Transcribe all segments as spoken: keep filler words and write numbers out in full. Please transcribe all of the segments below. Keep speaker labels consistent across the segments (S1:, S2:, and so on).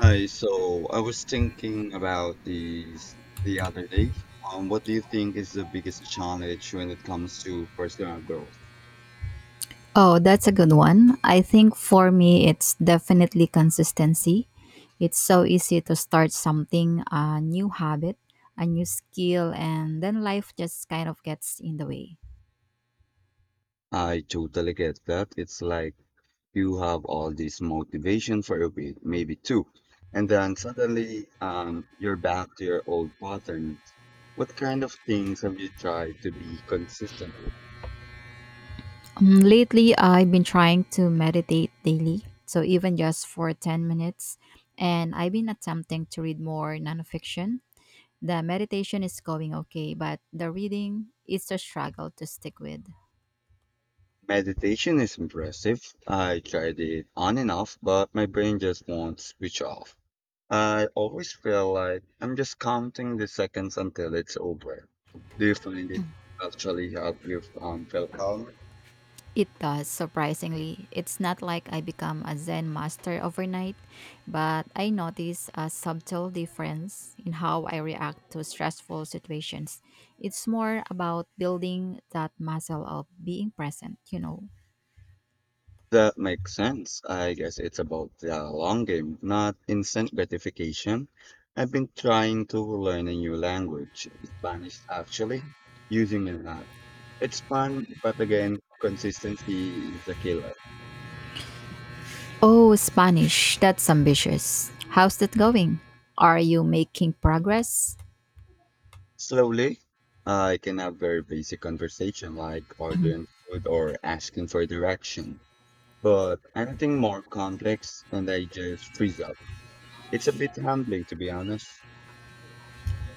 S1: Hi, so I was thinking about these the other day. Um, what do you think is the biggest challenge when it comes to personal growth?
S2: Oh, that's a good one. I think for me, it's definitely consistency. It's so easy to start something, a new habit, a new skill, and then life just kind of gets in the way.
S1: I totally get that. It's like you have all this motivation for a week, maybe two, and then suddenly um, you're back to your old patterns. What kind of things have you tried to be consistent with?
S2: Um, lately, I've been trying to meditate daily, so even just for ten minutes, and I've been attempting to read more nonfiction. The meditation is going okay, but the reading is a struggle to stick with.
S1: Meditation is impressive. I tried it on and off, but my brain just won't switch off. I always feel like I'm just counting the seconds until it's over. Do you find it actually help you um, feel calm?
S2: It does, surprisingly. It's not like I become a Zen master overnight, but I notice a subtle difference in how I react to stressful situations. It's more about building that muscle of being present, you know.
S1: That makes sense. I guess it's about the long game, not instant gratification. I've been trying to learn a new language, Spanish actually, using an app. It's fun, but again, consistency is a killer.
S2: Oh, Spanish, that's ambitious. How's that going? Are you making progress?
S1: Slowly, I can have very basic conversation like ordering food or asking for direction. But anything more complex and I just freeze up. It's a bit humbling to be honest.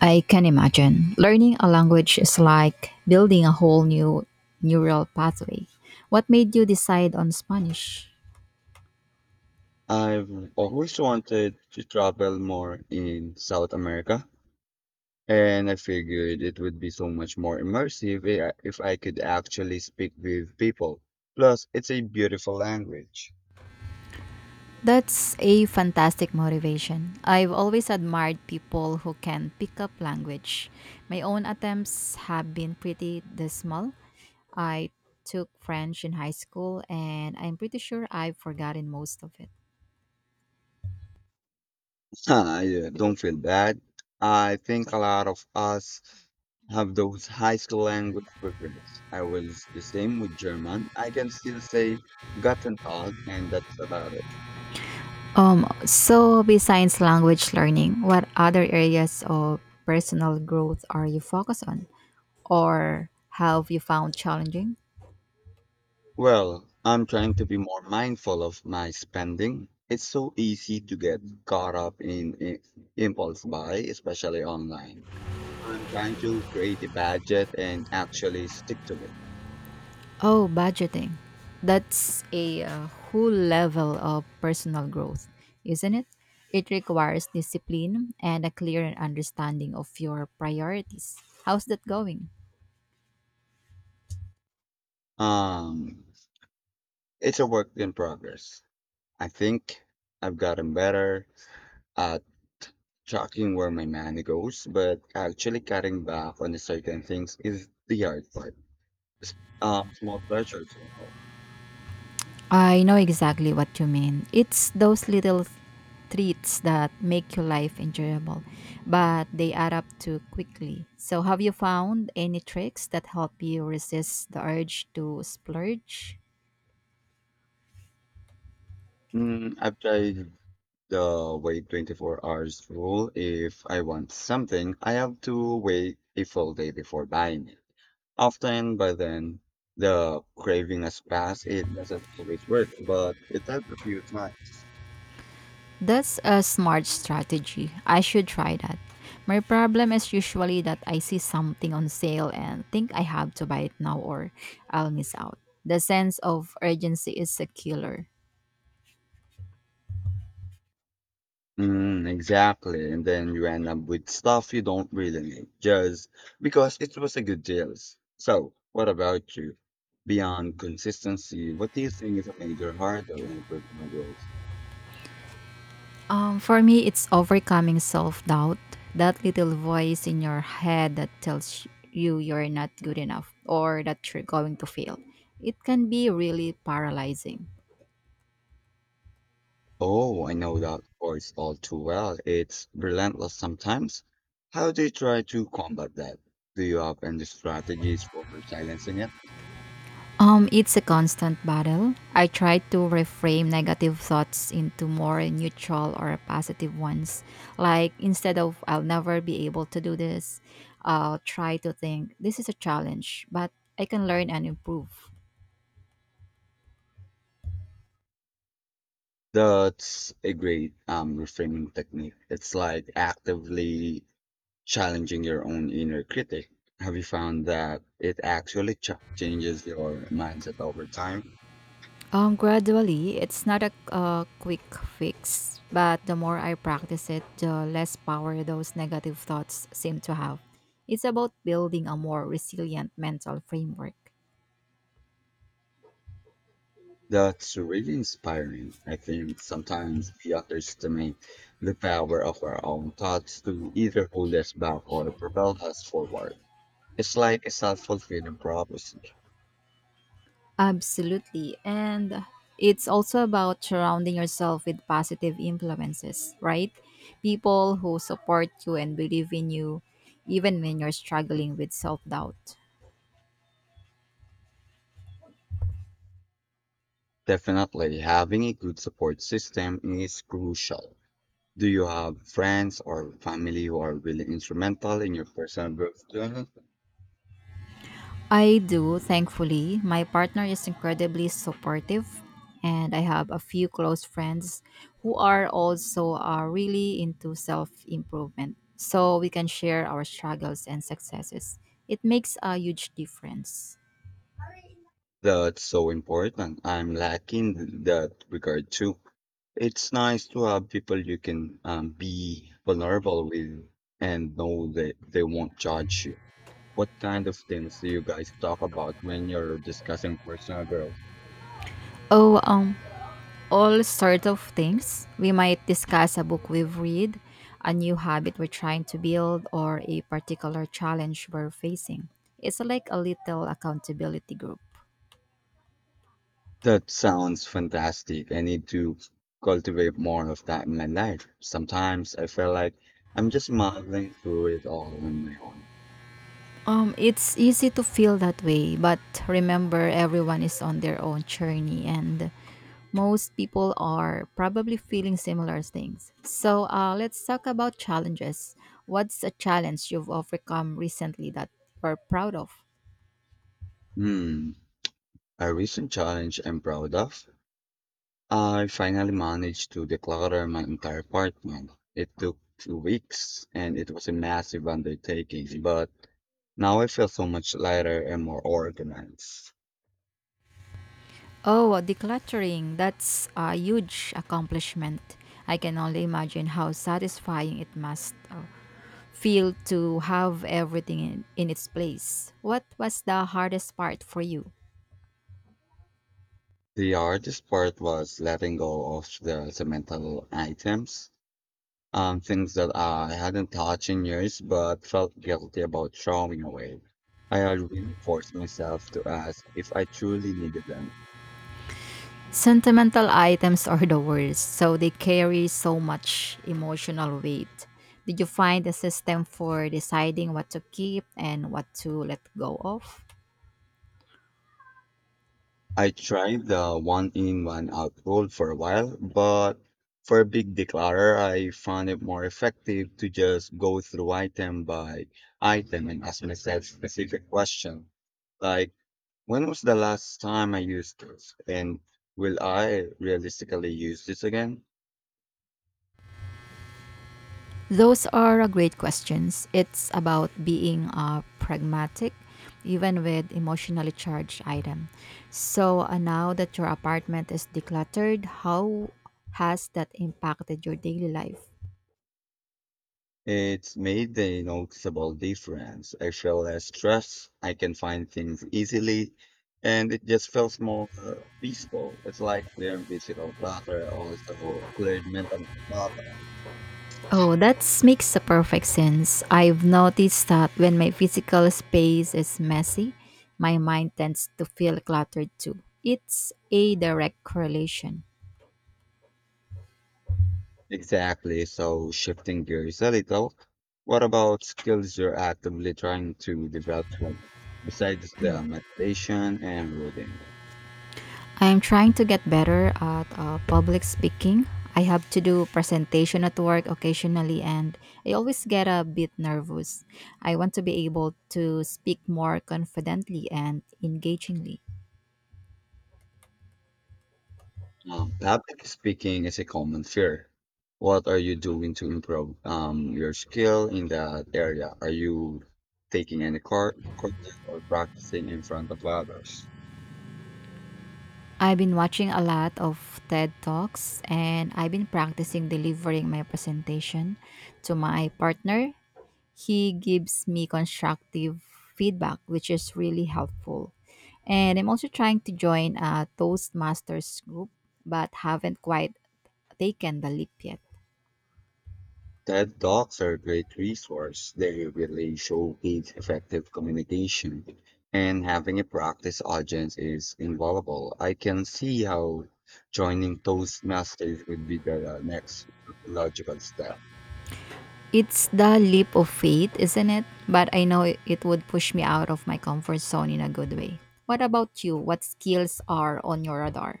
S2: I can imagine. Learning a language is like building a whole new neural pathway. What made you decide on Spanish?
S1: I've always wanted to travel more in South America, and I figured it would be so much more immersive i- if I could actually speak with people. Plus, it's a beautiful language.
S2: That's a fantastic motivation. I've always admired people who can pick up language. My own attempts have been pretty dismal. I took French in high school and I'm pretty sure I've forgotten most of it.
S1: Ah, yeah, don't feel bad. I think a lot of us have those high school language regrets. I was the same with German. I can still say Guten Tag, and that's about it.
S2: Um so besides language learning, what other areas of personal growth are you focused on or have you found challenging?
S1: Well, I'm trying to be more mindful of my spending. It's so easy to get caught up in, in impulse buy, especially online. I'm trying to create a budget and actually stick to it.
S2: Oh, budgeting. That's a uh, whole level of personal growth, isn't it? It requires discipline and a clear understanding of your priorities. How's that going?
S1: Um, it's a work in progress. I think I've gotten better at tracking where my money goes, but actually cutting back on certain things is the hard part. S- Uh, small pleasures.
S2: I know exactly what you mean. It's those little treats that make your life enjoyable, but they add up too quickly. So, have you found any tricks that help you resist the urge to splurge?
S1: Mm, I've tried the wait twenty-four hours rule. If I want something, I have to wait a full day before buying it. Often by then, the craving has passed. It doesn't always work, but it helped a few times.
S2: That's a smart strategy. I should try that. My problem is usually that I see something on sale and think I have to buy it now or I'll miss out. The sense of urgency is a killer.
S1: Mm, exactly. And then you end up with stuff you don't really need just because it was a good deal. So, what about you? Beyond consistency, what do you think is a major hurdle in personal growth?
S2: Um, for me, it's overcoming self doubt, that little voice in your head that tells you you're not good enough or that you're going to fail. It can be really paralyzing.
S1: Oh, I know that voice all too well. It's relentless sometimes. How do you try to combat that? Do you have any strategies for silencing it?
S2: Um, it's a constant battle. I try to reframe negative thoughts into more neutral or positive ones. Like instead of I'll never be able to do this, I'll try to think this is a challenge, but I can learn and improve.
S1: That's a great um reframing technique. It's like actively challenging your own inner critic. Have you found that it actually ch- changes your mindset over time?
S2: Um, gradually, it's not a uh, quick fix, but the more I practice it, the less power those negative thoughts seem to have. It's about building a more resilient mental framework.
S1: That's really inspiring. I think sometimes we underestimate the power of our own thoughts to either hold us back or propel us forward. It's like a self-fulfilling prophecy.
S2: Absolutely. And it's also about surrounding yourself with positive influences, right? People who support you and believe in you, even when you're struggling with self doubt.
S1: Definitely, having a good support system is crucial. Do you have friends or family who are really instrumental in your personal growth journey?
S2: I do, thankfully. My partner is incredibly supportive, and I have a few close friends who are also uh, really into self improvement. So we can share our struggles and successes. It makes a huge difference.
S1: That's so important. I'm lacking that regard too. It's nice to have people you can um, be vulnerable with and know that they won't judge you. What kind of things do you guys talk about when you're discussing personal growth?
S2: Oh, um, all sorts of things. We might discuss a book we've read, a new habit we're trying to build, or a particular challenge we're facing. It's like a little accountability group.
S1: That sounds fantastic. I need to cultivate more of that in my life. Sometimes I feel like I'm just muddling through it all on my own.
S2: Um, it's easy to feel that way, but remember everyone is on their own journey and most people are probably feeling similar things. So uh, let's talk about challenges. What's a challenge you've overcome recently that you're proud of?
S1: Hmm. A recent challenge I'm proud of: I finally managed to declutter my entire apartment. It took two weeks and it was a massive undertaking, but now I feel so much lighter and more organized.
S2: Oh, decluttering. That's a huge accomplishment. I can only imagine how satisfying it must uh, feel to have everything in, in its place. What was the hardest part for you?
S1: The hardest part was letting go of the sentimental items, um, things that I hadn't touched in years but felt guilty about throwing away. I had really forced myself to ask if I truly needed them.
S2: Sentimental items are the worst, so they carry so much emotional weight. Did you find a system for deciding what to keep and what to let go of?
S1: I tried the one in one out rule for a while, but for a big declarer, I found it more effective to just go through item by item and ask myself specific question, like when was the last time I used this, and will I realistically use this again?
S2: Those are uh, great questions. It's about being uh, pragmatic, even with emotionally charged item. So uh, now that your apartment is decluttered, how has that impacted your daily life?
S1: It's made a noticeable difference. I feel less stressed. I can find things easily, and it just feels more uh, peaceful. It's like clearing physical clutter, also cleared mental clutter.
S2: Oh, that makes a perfect sense. I've noticed that when my physical space is messy, my mind tends to feel cluttered too. It's a direct correlation.
S1: Exactly. So shifting gears a little, what about skills you're actively trying to develop right now, besides the meditation and reading?
S2: I am trying to get better at uh, public speaking. I have to do presentation at work occasionally and I always get a bit nervous. I want to be able to speak more confidently and engagingly.
S1: Um, public speaking is a common fear. What are you doing to improve um, your skill in that area? Are you taking any cour- courses or practicing in front of others?
S2: I've been watching a lot of TED Talks and I've been practicing delivering my presentation to my partner. He gives me constructive feedback, which is really helpful. And I'm also trying to join a Toastmasters group, but haven't quite taken the leap yet.
S1: TED Talks are a great resource. They really showcase effective communication, and having a practice audience is invaluable. I can see how joining Toastmasters would be the uh, next logical step.
S2: It's the leap of faith, isn't it? But I know it it would push me out of my comfort zone in a good way. What about you? What skills are on your radar?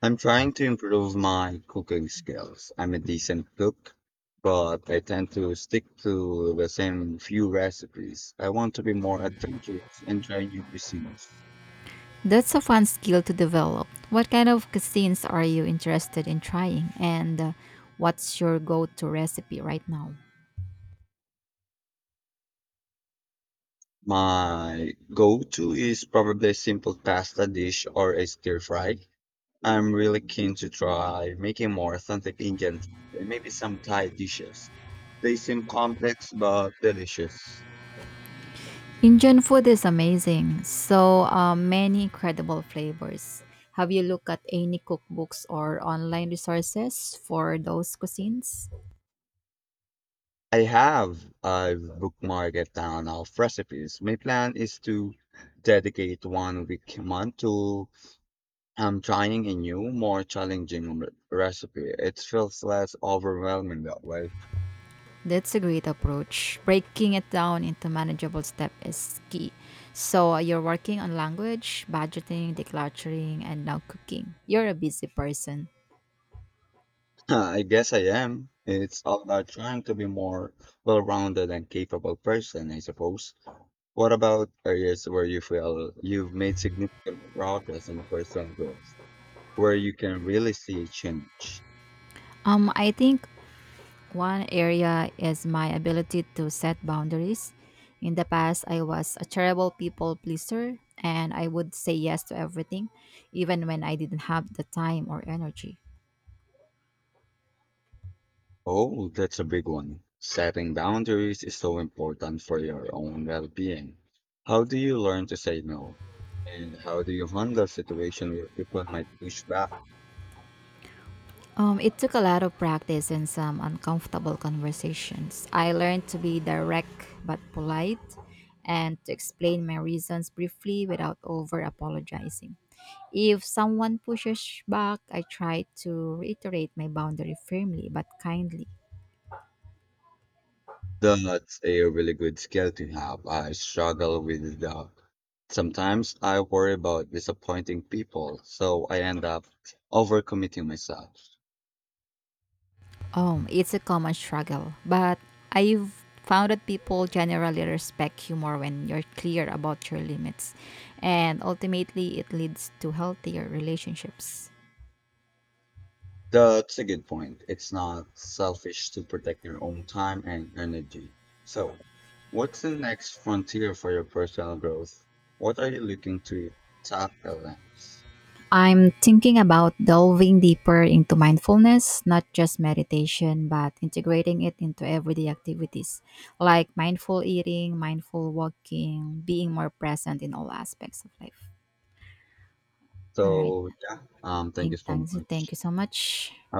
S1: I'm trying to improve my cooking skills. I'm a decent cook, but I tend to stick to the same few recipes. I want to be more adventurous and try new cuisines.
S2: That's a fun skill to develop. What kind of cuisines are you interested in trying? And uh, what's your go to recipe right now?
S1: My go-to is probably a simple pasta dish or a stir fry. I'm really keen to try making more authentic Indian food and maybe some Thai dishes. They seem complex but delicious.
S2: Indian food is amazing. So uh, many incredible flavors. Have you looked at any cookbooks or online resources for those cuisines?
S1: I have. I've bookmarked a ton of recipes. My plan is to dedicate one week a month to um, trying a new, more challenging re- recipe. It feels less overwhelming that way.
S2: That's a great approach. Breaking it down into manageable steps is key. So uh, you're working on language, budgeting, decluttering, and now cooking. You're a busy person.
S1: I guess I am. It's all about trying to be more well-rounded and capable person, I suppose. What about areas where you feel you've made significant progress in personal growth, where you can really see a change?
S2: Um, I think One area is my ability to set boundaries. In the past, I was a terrible people pleaser and I would say yes to everything, even when I didn't have the time or energy.
S1: Oh, that's a big one. Setting boundaries is so important for your own well-being. How do you learn to say no? And how do you handle situations where people might push back?
S2: Um, it took a lot of practice and some uncomfortable conversations. I learned to be direct but polite and to explain my reasons briefly without over apologizing. If someone pushes back, I try to reiterate my boundary firmly but kindly.
S1: That's a really good skill to have. I struggle with that. Sometimes I worry about disappointing people, so I end up overcommitting myself.
S2: Oh, it's a common struggle, but I've found that people generally respect you more when you're clear about your limits, and ultimately it leads to healthier relationships.
S1: That's a good point. It's not selfish to protect your own time and energy. So, what's the next frontier for your personal growth? What are you looking to tackle next?
S2: I'm thinking about delving deeper into mindfulness, not just meditation, but integrating it into everyday activities like mindful eating, mindful walking, being more present in all aspects of life. All right.
S1: So, yeah, um,
S2: I
S1: thank you
S2: think
S1: so
S2: thanks.
S1: much.
S2: Thank you so much.
S1: Have